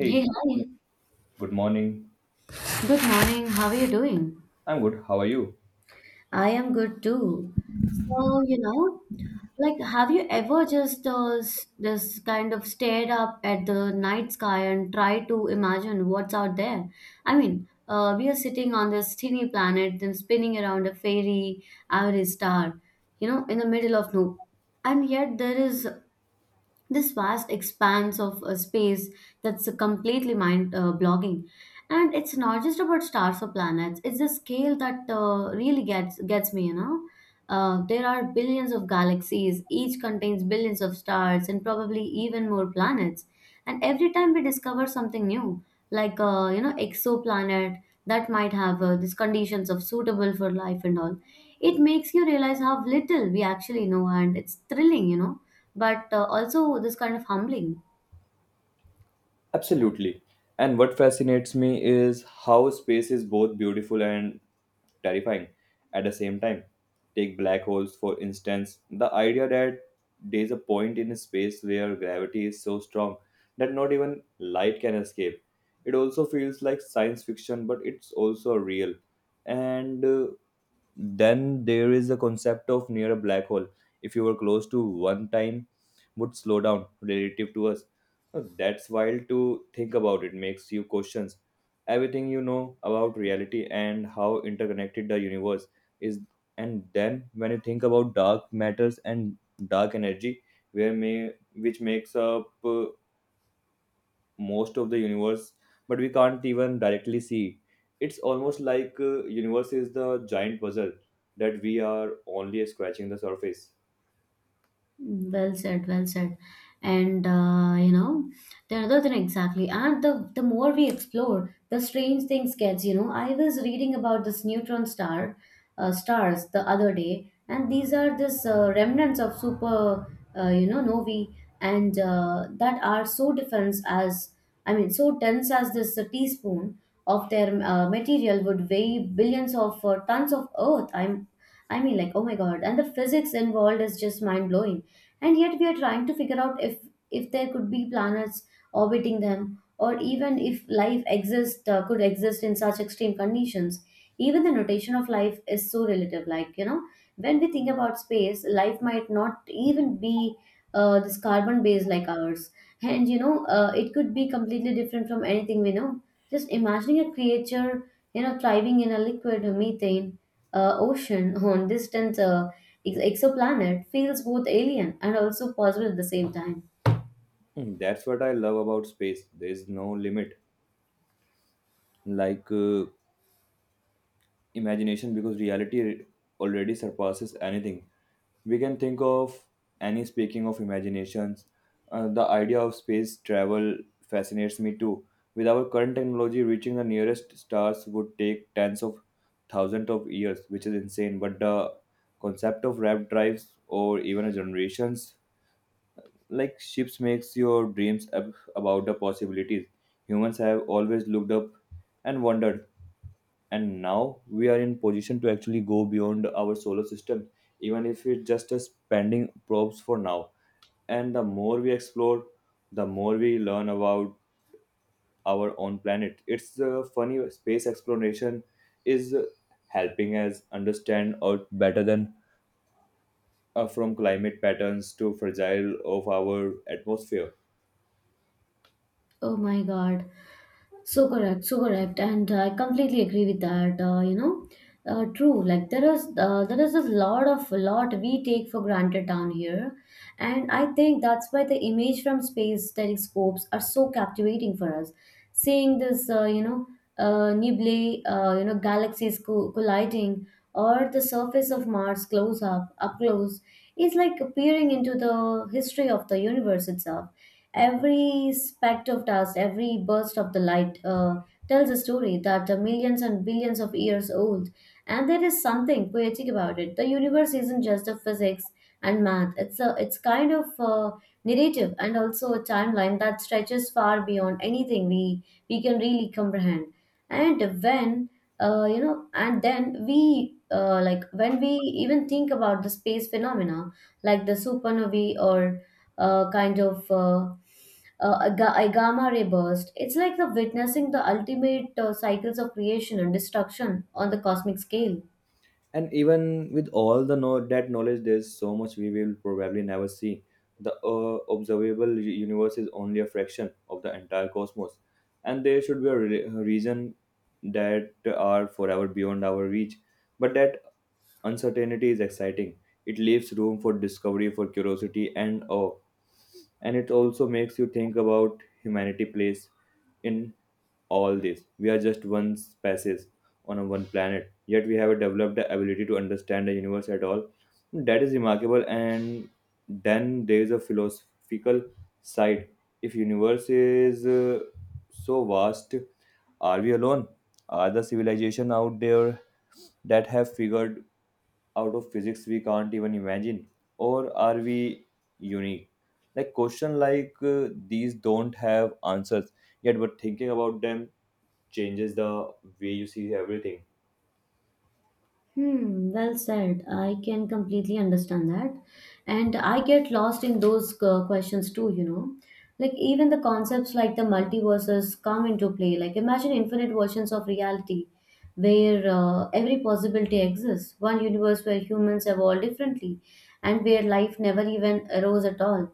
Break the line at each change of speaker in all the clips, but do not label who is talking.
Hey, hi.
good morning.
Good morning. How are you doing?
I'm good. How are you?
I am good too. So, like, have you ever just just kind of stared up at the night sky and tried to imagine what's out there? I mean, we are sitting on this teeny planet, then spinning around a fairy, ivory star, in the middle of no, and yet there is this vast expanse of space that's completely mind blogging. And it's not just about stars or planets, it's the scale that really gets me. There are billions of galaxies, each contains billions of stars and probably even more planets. And every time we discover something new, like exoplanet that might have these conditions of suitable for life and all, it makes you realize how little we actually know, and it's thrilling. But also this kind of humbling.
Absolutely. And what fascinates me is how space is both beautiful and terrifying at the same time. Take black holes, for instance. The idea that there's a point in space where gravity is so strong that not even light can escape. It also feels like science fiction, but it's also real. And then there is the concept of near a black hole. If you were close to one, time would slow down relative to us. That's wild to think about. It makes you questions everything you know about reality and how interconnected the universe is. And then when you think about dark matters and dark energy, where may, which makes up most of the universe, but we can't even directly see. It's almost like universe is the giant puzzle that we are only scratching the surface.
Well said, well said. And the other thing exactly, and the more we explore, the strange things gets. You know, I was reading about this neutron stars the other day, and these are this remnants of super, novae, and that are so dense as, I mean, so dense as this teaspoon of their material would weigh billions of tons of Earth. I mean, like, oh my God, and the physics involved is just mind blowing, and yet we are trying to figure out if there could be planets orbiting them, or even if life exists, could exist in such extreme conditions. Even the notation of life is so relative, like, you know, when we think about space, life might not even be this carbon base like ours. And you know, it could be completely different from anything we know. Just imagining a creature, you know, thriving in a liquid methane ocean on distant exoplanet feels both alien and also possible at the same time.
Mm, that's what I love about space. There is no limit like imagination, because reality already surpasses anything we can think of. Any speaking of imaginations, the idea of space travel fascinates me too. With our current technology, reaching the nearest stars would take tens of thousands of years, which is insane, but the concept of rap drives or even a generations like ships makes your dreams about the possibilities. Humans have always looked up and wondered, and now we are in position to actually go beyond our solar system, even if it's just a spending probes for now. And the more we explore, the more we learn about our own planet. It's funny, space exploration is helping us understand earth better than from climate patterns to fragile of our atmosphere.
Oh my God. So correct, and I completely agree with that. True. Like there is a lot we take for granted down here, and I think that's why the image from space telescopes are so captivating for us. Seeing this, nebulae, galaxies colliding, or the surface of Mars close up, up close, is like peering into the history of the universe itself. Every speck of dust, every burst of the light tells a story that are millions and billions of years old. And there is something poetic about it. The universe isn't just a physics and math. It's a, it's kind of a narrative and also a timeline that stretches far beyond anything we can really comprehend. And when you know, and then we like when we even think about the space phenomena, like the supernovae or uh, kind of uh, a gamma ray burst. It's like the witnessing the ultimate cycles of creation and destruction on the cosmic scale.
And even with all the know that knowledge, there's so much we will probably never see. The observable universe is only a fraction of the entire cosmos, and there should be a reason that are forever beyond our reach. But that uncertainty is exciting. It leaves room for discovery, for curiosity and awe. And it also makes you think about humanity plays in all this. We are just one species on a one planet, yet we have developed the ability to understand the universe at all. That is remarkable. And then there is a philosophical side. If universe is so vast, are we alone? Are the civilization out there that have figured out of physics we can't even imagine? Or are we unique? Like question like these don't have answers yet, but thinking about them changes the way you see everything.
Hmm, well said. I can completely understand that. And I get lost in those questions too, you know. Like, even the concepts like the multiverses come into play. Like, imagine infinite versions of reality where every possibility exists. One universe where humans evolve differently, and where life never even arose at all.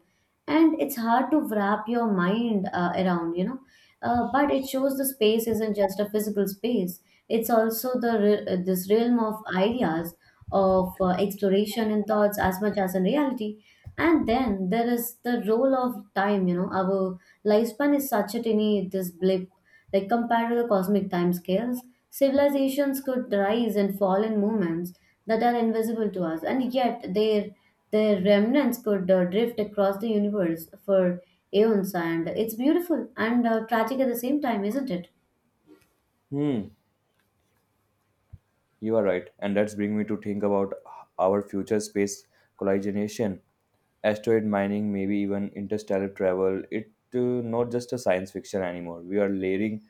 And it's hard to wrap your mind around, you know, but it shows the space isn't just a physical space, it's also the this realm of ideas, of exploration and thoughts as much as in reality. And then there is the role of time, you know, our lifespan is such a tiny this blip, like compared to the cosmic timescales, civilizations could rise and fall in moments that are invisible to us, and yet their remnants could drift across the universe for eons. And it's beautiful and tragic at the same time, isn't it?
Hmm, you are right, and that's bring me to think about our future space colonization, asteroid mining, maybe even interstellar travel. It not just a science fiction anymore. We are layering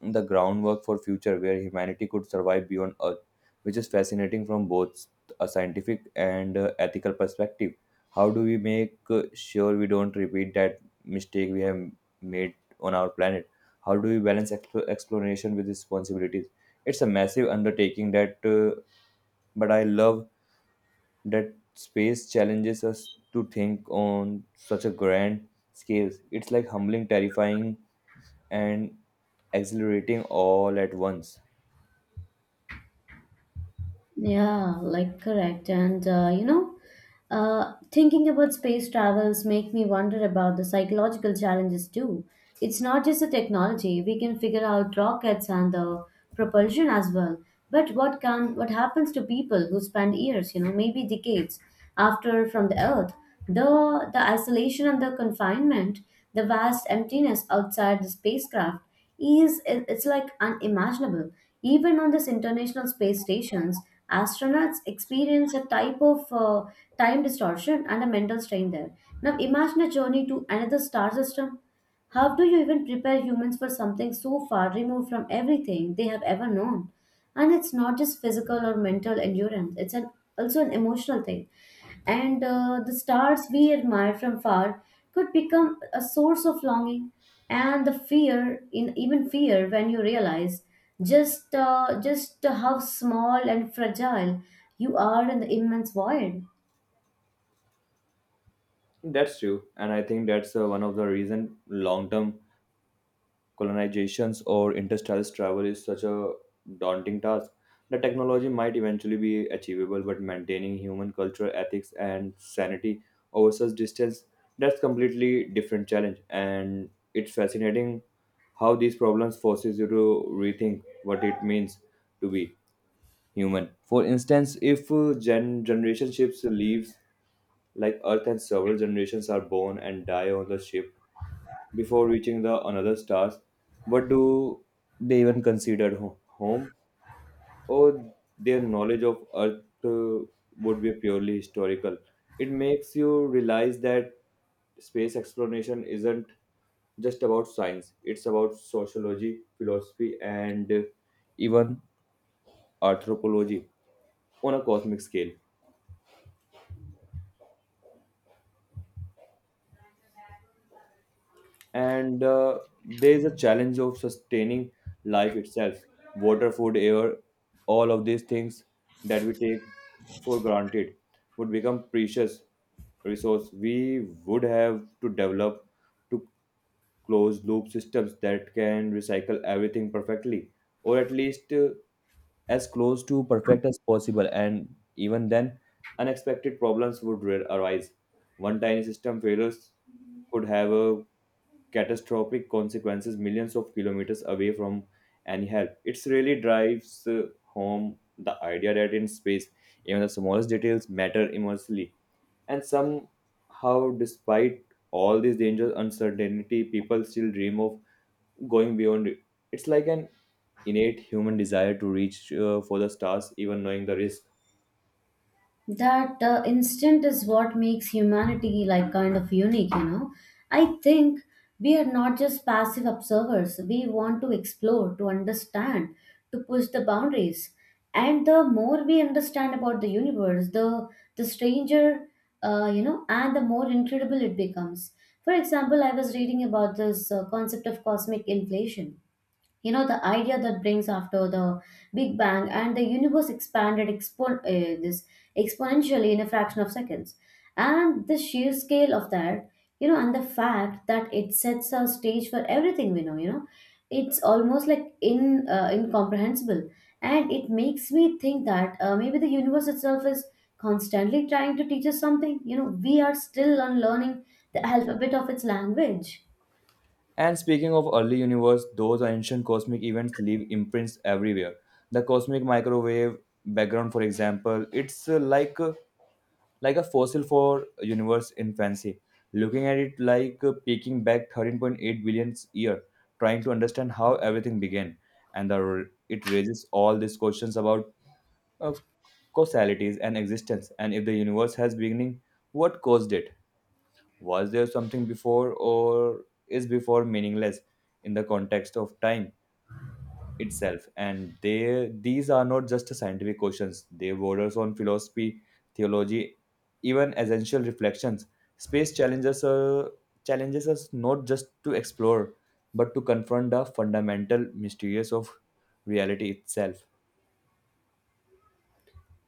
the groundwork for future where humanity could survive beyond earth, which is fascinating from both a scientific and ethical perspective. How do we make sure we don't repeat that mistake we have made on our planet? How do we balance exploration with responsibilities? It's a massive undertaking that but I love that space challenges us to think on such a grand scale. It's like humbling, terrifying and exhilarating all at once.
Yeah, like correct. And thinking about space travels make me wonder about the psychological challenges too. It's not just the technology. We can figure out rockets and the propulsion as well. But what happens to people who spend years, you know, maybe decades after from the Earth? The isolation and the confinement, the vast emptiness outside the spacecraft, is it's like unimaginable. Even on this international space stations, astronauts experience a type of time distortion and a mental strain there. Now imagine a journey to another star system. How do you even prepare humans for something so far removed from everything they have ever known? And it's not just physical or mental endurance, it's an, also an emotional thing. And the stars we admire from far could become a source of longing, and the fear in even fear when you realize just how small and fragile you are in the immense void.
That's true, and I think that's one of the reason long-term colonizations or interstellar travel is such a daunting task. The technology might eventually be achievable, but maintaining human cultural ethics and sanity over such distance, that's completely different challenge. And it's fascinating how these problems forces you to rethink what it means to be human. For instance, if generation shifts leaves like Earth and several generations are born and die on the ship before reaching the another stars. But do they even consider home, or their knowledge of Earth would be purely historical? It makes you realize that space exploration isn't just about science; it's about sociology, philosophy, and even anthropology on a cosmic scale. And there is a challenge of sustaining life itself, water, food, air, all of these things that we take for granted would become precious resource. We would have to develop to close loop systems that can recycle everything perfectly, or at least as close to perfect as possible. And even then, unexpected problems would arise. One tiny system failures could have a catastrophic consequences millions of kilometers away from any help. It really drives home the idea that in space, even the smallest details matter immensely. And somehow, despite all these dangers, uncertainty, people still dream of going beyond it. It's like an innate human desire to reach for the stars, even knowing the risk.
That instant is what makes humanity like kind of unique, you know. I think we are not just passive observers, we want to explore, to understand, to push the boundaries. And the more we understand about the universe, the stranger, you know, and the more incredible it becomes. For example, I was reading about this concept of cosmic inflation, you know, the idea that brings after the big bang, and the universe expanded this exponentially in a fraction of seconds. And the sheer scale of that, you know, and the fact that it sets a stage for everything we know, you know, it's almost like in incomprehensible. And it makes me think that maybe the universe itself is constantly trying to teach us something, you know, we are still unlearning the alphabet of its language.
And speaking of early universe, those ancient cosmic events leave imprints everywhere. The cosmic microwave background, for example, it's like like a fossil for universe infancy. Looking at it like peeking back 13.8 billion year, trying to understand how everything began, and the, it raises all these questions about uh, causalities and existence, and if the universe has beginning, what caused it? Was there something before, or is before meaningless in the context of time itself? And they, these are not just scientific questions, they borders on philosophy, theology, even essential reflections. Space challenges, challenges us not just to explore, but to confront the fundamental mysteries of reality itself.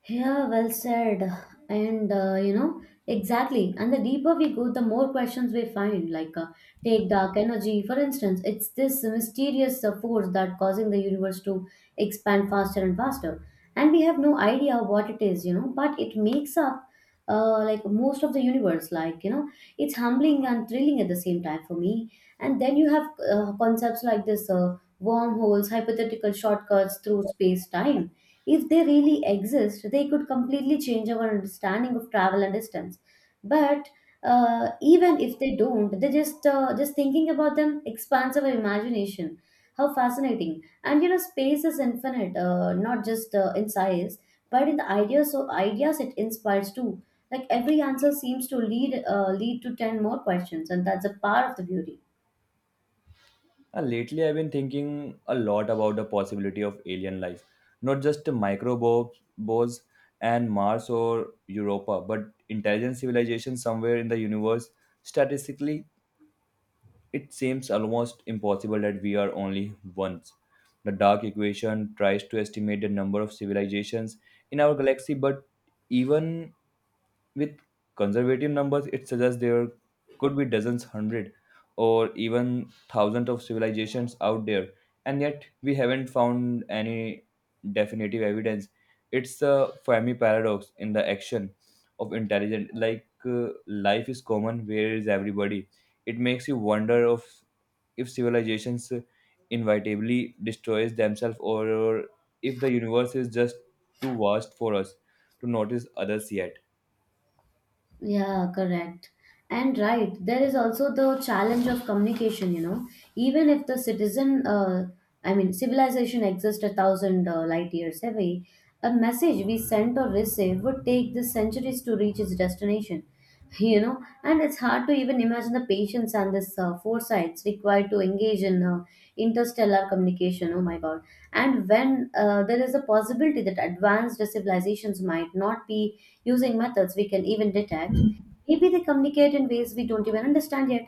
Yeah, well said. And exactly. And the deeper we go, the more questions we find. Like, take dark energy, for instance. It's this mysterious force that causing the universe to expand faster and faster. And we have no idea what it is, you know, but it makes up like most of the universe. Like, you know, it's humbling and thrilling at the same time for me. And then you have concepts like this wormholes, hypothetical shortcuts through space time. If they really exist, they could completely change our understanding of travel and distance. But even if they don't, they just thinking about them expands our imagination. How fascinating! And you know, space is infinite, not just in size, but in the ideas it inspires too. Like every answer seems to lead lead to 10 more questions, and that's a part of the beauty.
Lately, I've been thinking a lot about the possibility of alien life, not just microbes and Mars or Europa, but intelligent civilization somewhere in the universe. Statistically, it seems almost impossible that we are only ones. The dark equation tries to estimate the number of civilizations in our galaxy, but even with conservative numbers, it suggests there could be dozens, hundred, or even thousands of civilizations out there, and yet we haven't found any definitive evidence. It's a Fermi paradox in the action of intelligence. Like life is common, where is everybody? It makes you wonder of if civilizations inevitably destroys themselves, or if the universe is just too vast for us to notice others yet.
Yeah, correct. And right, there is also the challenge of communication, you know. Even if the civilization exists a thousand light years away, a message we sent or received would take the centuries to reach its destination, you know. And it's hard to even imagine the patience and this foresights required to engage in interstellar communication. Oh my God. And when there is a possibility that advanced civilizations might not be using methods we can even detect, maybe they communicate in ways we don't even understand yet,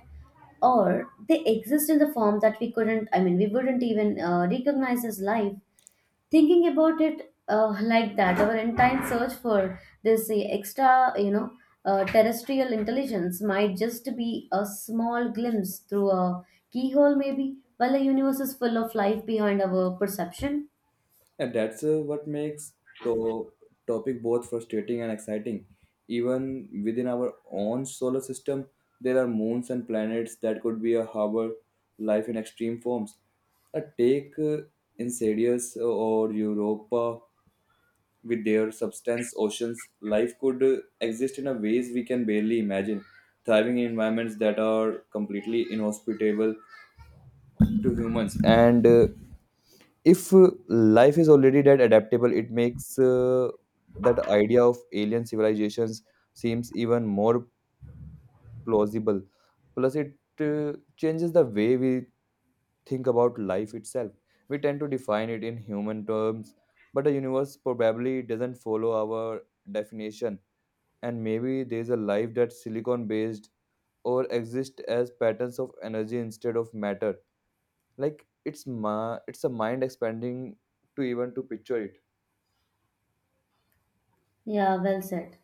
or they exist in the form that we couldn't, I mean, we wouldn't even recognize as life. Thinking about it like that, our entire search for this extra you know terrestrial intelligence might just be a small glimpse through a keyhole, maybe, while the universe is full of life behind our perception.
And that's what makes to- topic both frustrating and exciting. Even within our own solar system, there are moons and planets that could be a harbor life in extreme forms. A take Enceladus or Europa with their substance oceans, life could exist in a ways we can barely imagine, thriving in environments that are completely inhospitable to humans. And if life is already that adaptable, it makes that idea of alien civilizations seems even more plausible. Plus it changes the way we think about life itself. We tend to define it in human terms, but the universe probably doesn't follow our definition. And maybe there's a life that's silicon based, or exists as patterns of energy instead of matter. Like it's ma it's a mind expanding to even to picture it.
Yeah, well said.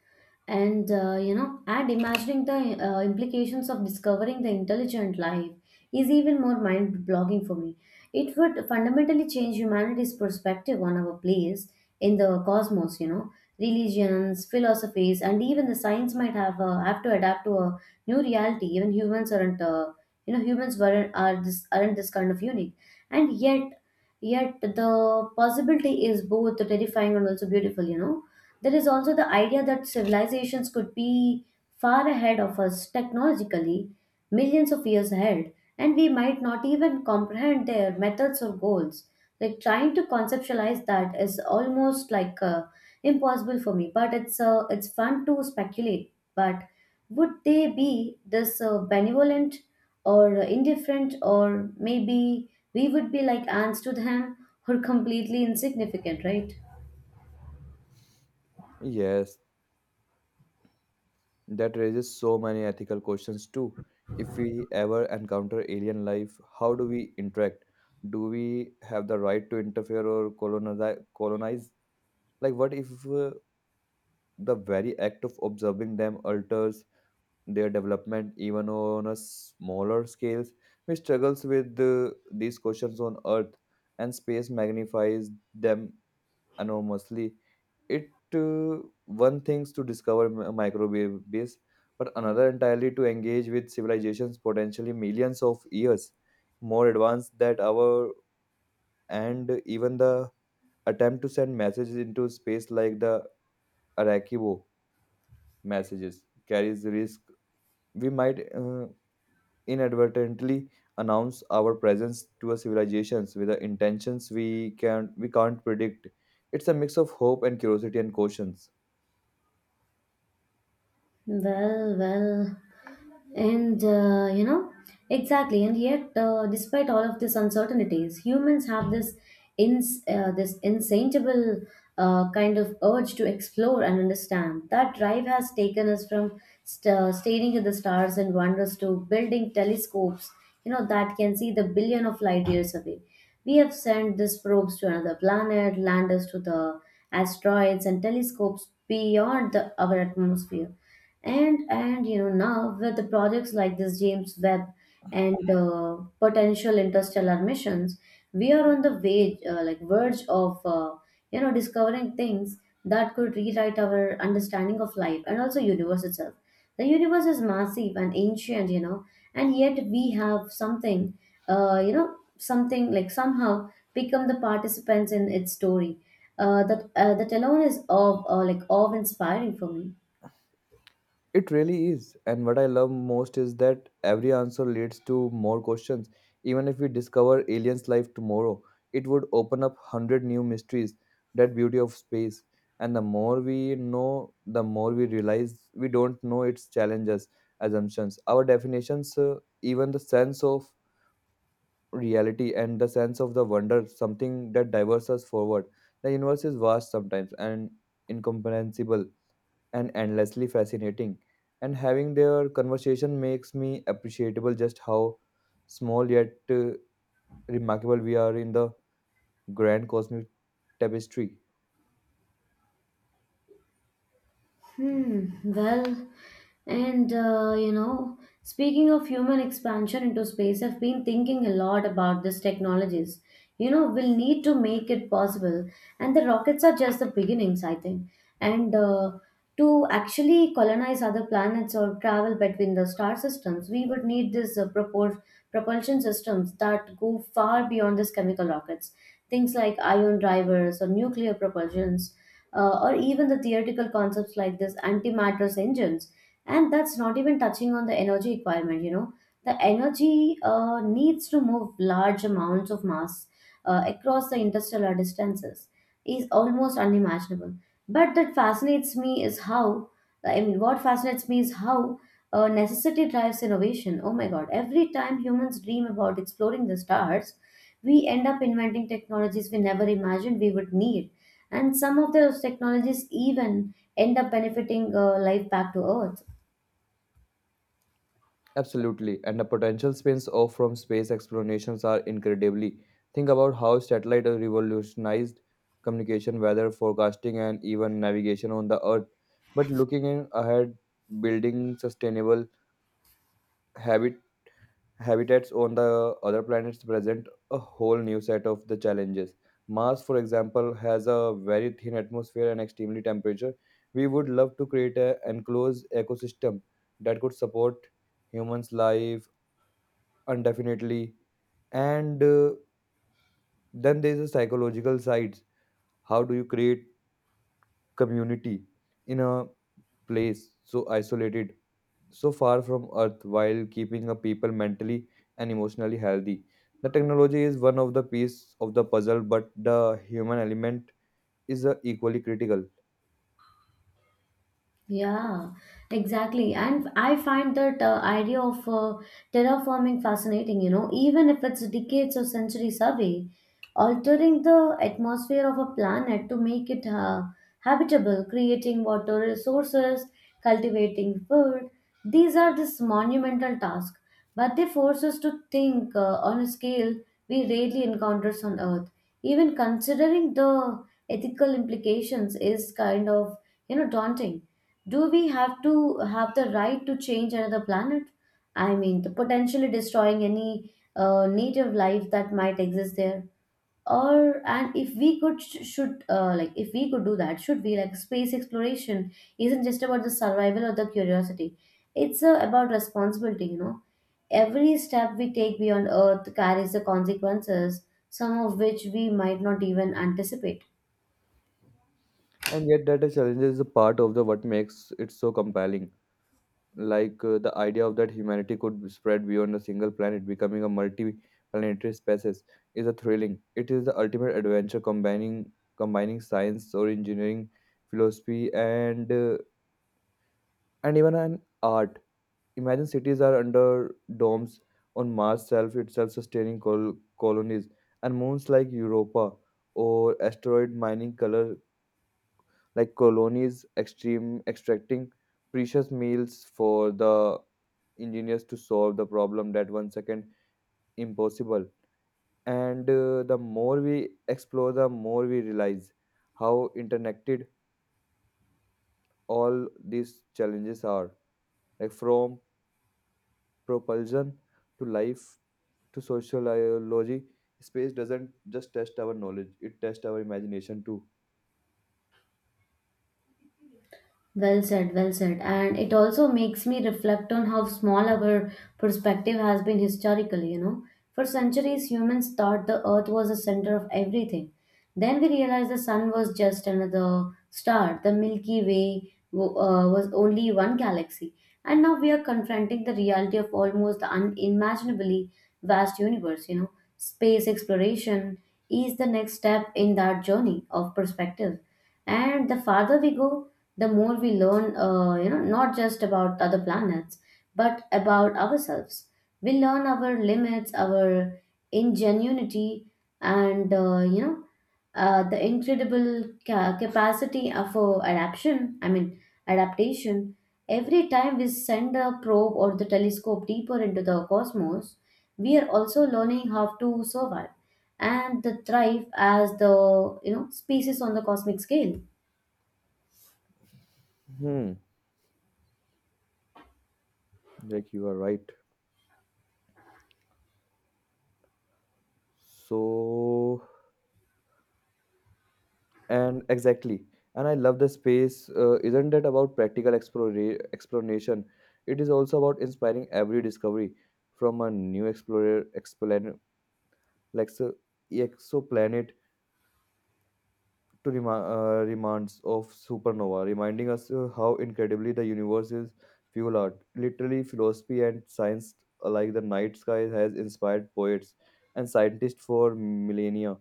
And and imagining the implications of discovering the intelligent life is even more mind-blogging for me. It would fundamentally change humanity's perspective on our place in the cosmos. You know, religions, philosophies, and even the science might have to adapt to a new reality. Even humans aren't, humans weren't are this aren't this kind of unique, and yet. Yet the possibility is both terrifying and also beautiful, you know. There is also the idea that civilizations could be far ahead of us technologically, millions of years ahead, and we might not even comprehend their methods or goals. Like trying to conceptualize that is almost like impossible for me, but it's fun to speculate. But would they be this benevolent or indifferent, or maybe we would be like ants to them or completely insignificant, right?
Yes, that raises so many ethical questions too. If we ever encounter alien life, how do we interact? Do we have the right to interfere or colonize? Like, what if the very act of observing them alters their development even on a smaller scales? We struggles with these questions on Earth, and space magnifies them enormously. It one things to discover microwave base, but another entirely to engage with civilizations potentially millions of years more advanced that our. And even the attempt to send messages into space like the Arakibo messages carries the risk. We might inadvertently announce our presence to a civilizations with the intentions we can't predict. It's a mix of hope and curiosity and caution.
Well, well. And exactly. And yet, despite all of these uncertainties, humans have this ins this insatiable kind of urge to explore and understand. That drive has taken us from staring at the stars and wonders to building telescopes, that can see the billion of light years away. We have sent these probes to another planet, landers to the asteroids, and telescopes beyond our atmosphere and now with the projects like this James Webb and potential interstellar missions, we are on the way like verge of discovering things that could rewrite our understanding of life and also universe itself. The universe is massive and ancient, you know, and yet we have something, something like somehow become the participants in its story. That alone is of like awe inspiring for me.
It really is. And what I love most is that every answer leads to more questions. Even if we discover aliens' life tomorrow, it would open up 100 new mysteries. That beauty of space. And the more we know, the more we realize we don't know its challenges, assumptions, our definitions, even the sense of reality and the sense of the wonder, something that diverts us forward. The universe is vast sometimes and incomprehensible and endlessly fascinating. And having their conversation makes me appreciable just how small yet remarkable we are in the grand cosmic tapestry.
Hmm, well, and speaking of human expansion into space, I've been thinking a lot about these technologies. You know, we'll need to make it possible, and the rockets are just the beginnings, I think. And to actually colonize other planets or travel between the star systems, we would need these propulsion systems that go far beyond these chemical rockets. Things like ion drivers or nuclear propulsions or even the theoretical concepts like this antimatter engines. And that's not even touching on the energy requirement, you know. The energy needs to move large amounts of mass across the interstellar distances is almost unimaginable, but that fascinates me is how I mean what fascinates me is how necessity drives innovation. Oh my god, every time humans dream about exploring the stars, we end up inventing technologies we never imagined we would need, and some of those technologies even end up benefiting life back to earth.
Absolutely, and the potential spins off from space explorations are incredibly. Think about how satellite has revolutionized communication, weather forecasting, and even navigation on the Earth. But looking in ahead, building sustainable habit habitats on the other planets present a whole new set of the challenges. Mars, for example, has a very thin atmosphere and extremely temperature. We would love to create an enclosed ecosystem that could support humans' life indefinitely. And then there's a psychological side. How do you create community in a place so isolated, so far from Earth, while keeping a people mentally and emotionally healthy? The technology is one of the piece of the puzzle, but the human element is equally critical.
Yeah, exactly. And I find that idea of terraforming fascinating, you know, even if it's decades or centuries away, altering the atmosphere of a planet to make it habitable, creating water resources, cultivating food, these are this monumental task, but they force us to think on a scale we rarely encounters on Earth. Even considering the ethical implications is kind of, you know, daunting. Do we have to have the right to change another planet? I mean, the potentially destroying any native life that might exist there. Or and if we could sh- should like if we could do that, should we, like, space exploration isn't just about the survival or the curiosity. It's about responsibility, you know. Every step we take beyond Earth carries the consequences, some of which we might not even anticipate.
And yet, that challenge is a part of the what makes it so compelling. Like the idea of that humanity could be spread beyond a single planet, becoming a multi-planetary species, is a thrilling. It is the ultimate adventure, combining science or engineering, philosophy, and and even an art. Imagine cities are under domes on Mars self itself sustaining colonies, and moons like Europa or asteroid mining color like colonies, extreme extracting precious meals for the engineers to solve the problem that one second impossible. And the more we explore, the more we realize how interconnected all these challenges are, like from propulsion to life to sociology. Space doesn't just test our knowledge, it tests our imagination too.
Well said, well said. And it also makes me reflect on how small our perspective has been historically, you know. For centuries, humans thought the earth was the center of everything. Then we realized the sun was just another star. The Milky Way was only one galaxy. And now we are confronting the reality of almost the unimaginably vast universe, you know. Space exploration is the next step in that journey of perspective, and the farther we go, the more we learn, not just about other planets but about ourselves. We learn our limits, our ingenuity, and the incredible capacity of adaptation I mean adaptation. Every time we send a probe or the telescope deeper into the cosmos, we are also learning how to survive and the thrive as the, you know, species on the cosmic scale.
Hmm, like you are right. So, and exactly. And I love the space. Isn't that about practical explanation? It is also about inspiring every discovery from a new explorer, explanet, like so, exoplanet to rema reminds of supernova, reminding us how incredibly the universe is fuel art. Literally, philosophy and science alike, the night sky has inspired poets and scientists for millennia,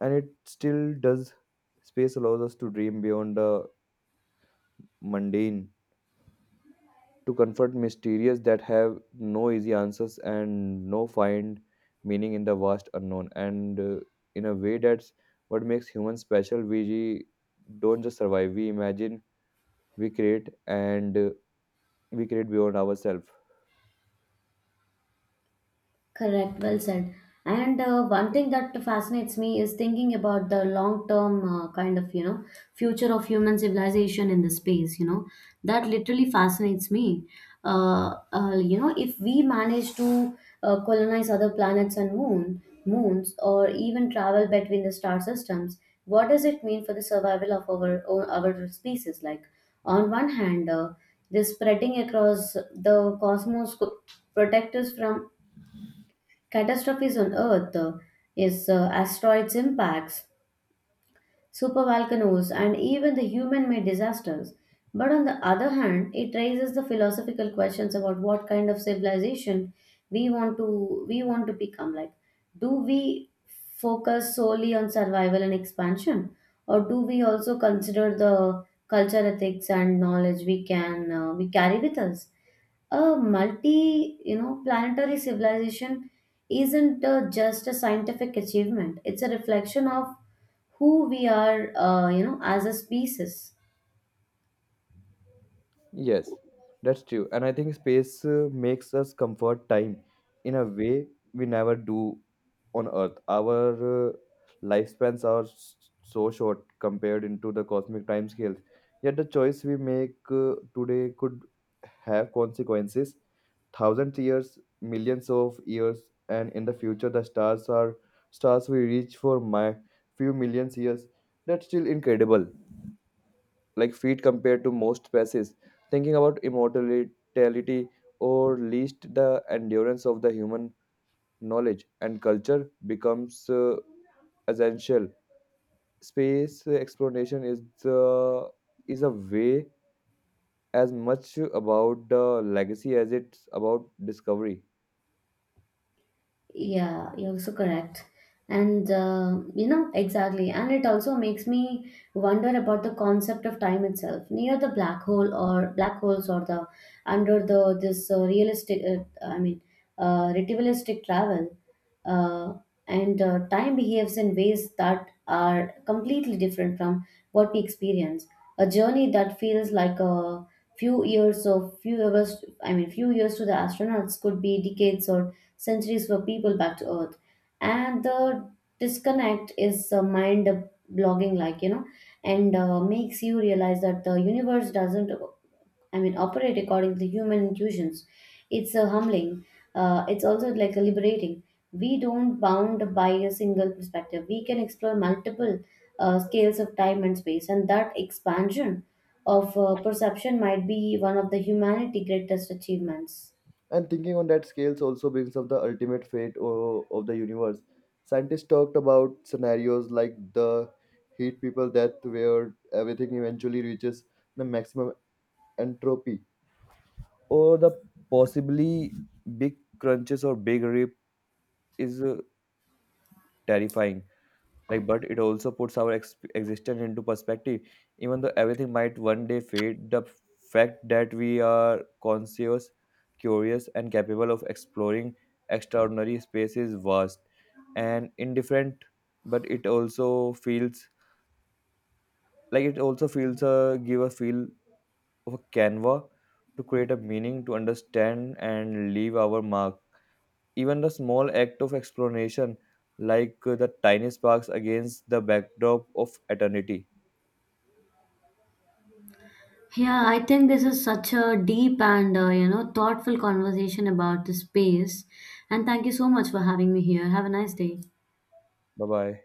and it still does. Space allows us to dream beyond the mundane, to confront mysteries that have no easy answers and no find meaning in the vast unknown. And in a way, that's what makes humans special. We don't just survive; we imagine, we create, and we create beyond ourselves.
Correct, well said. And one thing that fascinates me is thinking about the long-term future of human civilization in the space, you know, that literally fascinates me. If we manage to colonize other planets and moons, or even travel between the star systems, what does it mean for the survival of our species? Like, on one hand, this spreading across the cosmos could protect us from catastrophes on Earth, is asteroids impacts, supervolcanoes, and even the human-made disasters. But on the other hand, it raises the philosophical questions about what kind of civilization we want to become. Like, do we focus solely on survival and expansion, or do we also consider the culture, ethics, and knowledge we carry with us? A multi, you know, planetary civilization isn't just a scientific achievement, it's a reflection of who we are, as a species.
Yes, that's true. And I think space makes us comfort time in a way we never do on Earth. Our lifespans are so short compared into the cosmic time scales. Yet the choice we make today could have consequences thousands years, millions of years, and in the future the stars are stars we reach for my few millions years. That's still incredible. Like feet compared to most species. Thinking about immortality or least the endurance of the human knowledge and culture becomes essential. Space exploration is a way as much about the legacy as it's about discovery.
Yeah, you're so correct. And exactly. And it also makes me wonder about the concept of time itself. Near the black hole or black holes or the under the this realistic, I mean, relativistic travel, uh, and time behaves in ways that are completely different from what we experience. A journey that feels like a few years or few hours, I mean, few years to the astronauts could be decades or centuries were people back to earth, and the disconnect is mind blogging, like, you know, and makes you realize that the universe doesn't operate according to human intuitions. It's humbling, it's also like liberating. We don't bound by a single perspective, we can explore multiple scales of time and space, and that expansion of perception might be one of the humanity greatest achievements.
And thinking on that scales also brings up the ultimate fate of the universe. Scientists talked about scenarios like the heat people death, where everything eventually reaches the maximum entropy, or the possibly big crunches or big rip, is terrifying. Like, but it also puts our existence into perspective. Even though everything might one day fade, the fact that we are conscious, curious and capable of exploring extraordinary space is vast and indifferent, but it also feels like it also feels a give a feel of a canva to create a meaning to understand and leave our mark. Even the small act of explanation like the tiny sparks against the backdrop of eternity.
Yeah, I think this is such a deep and thoughtful conversation about the space. And thank you so much for having me here. Have a nice day.
Bye bye.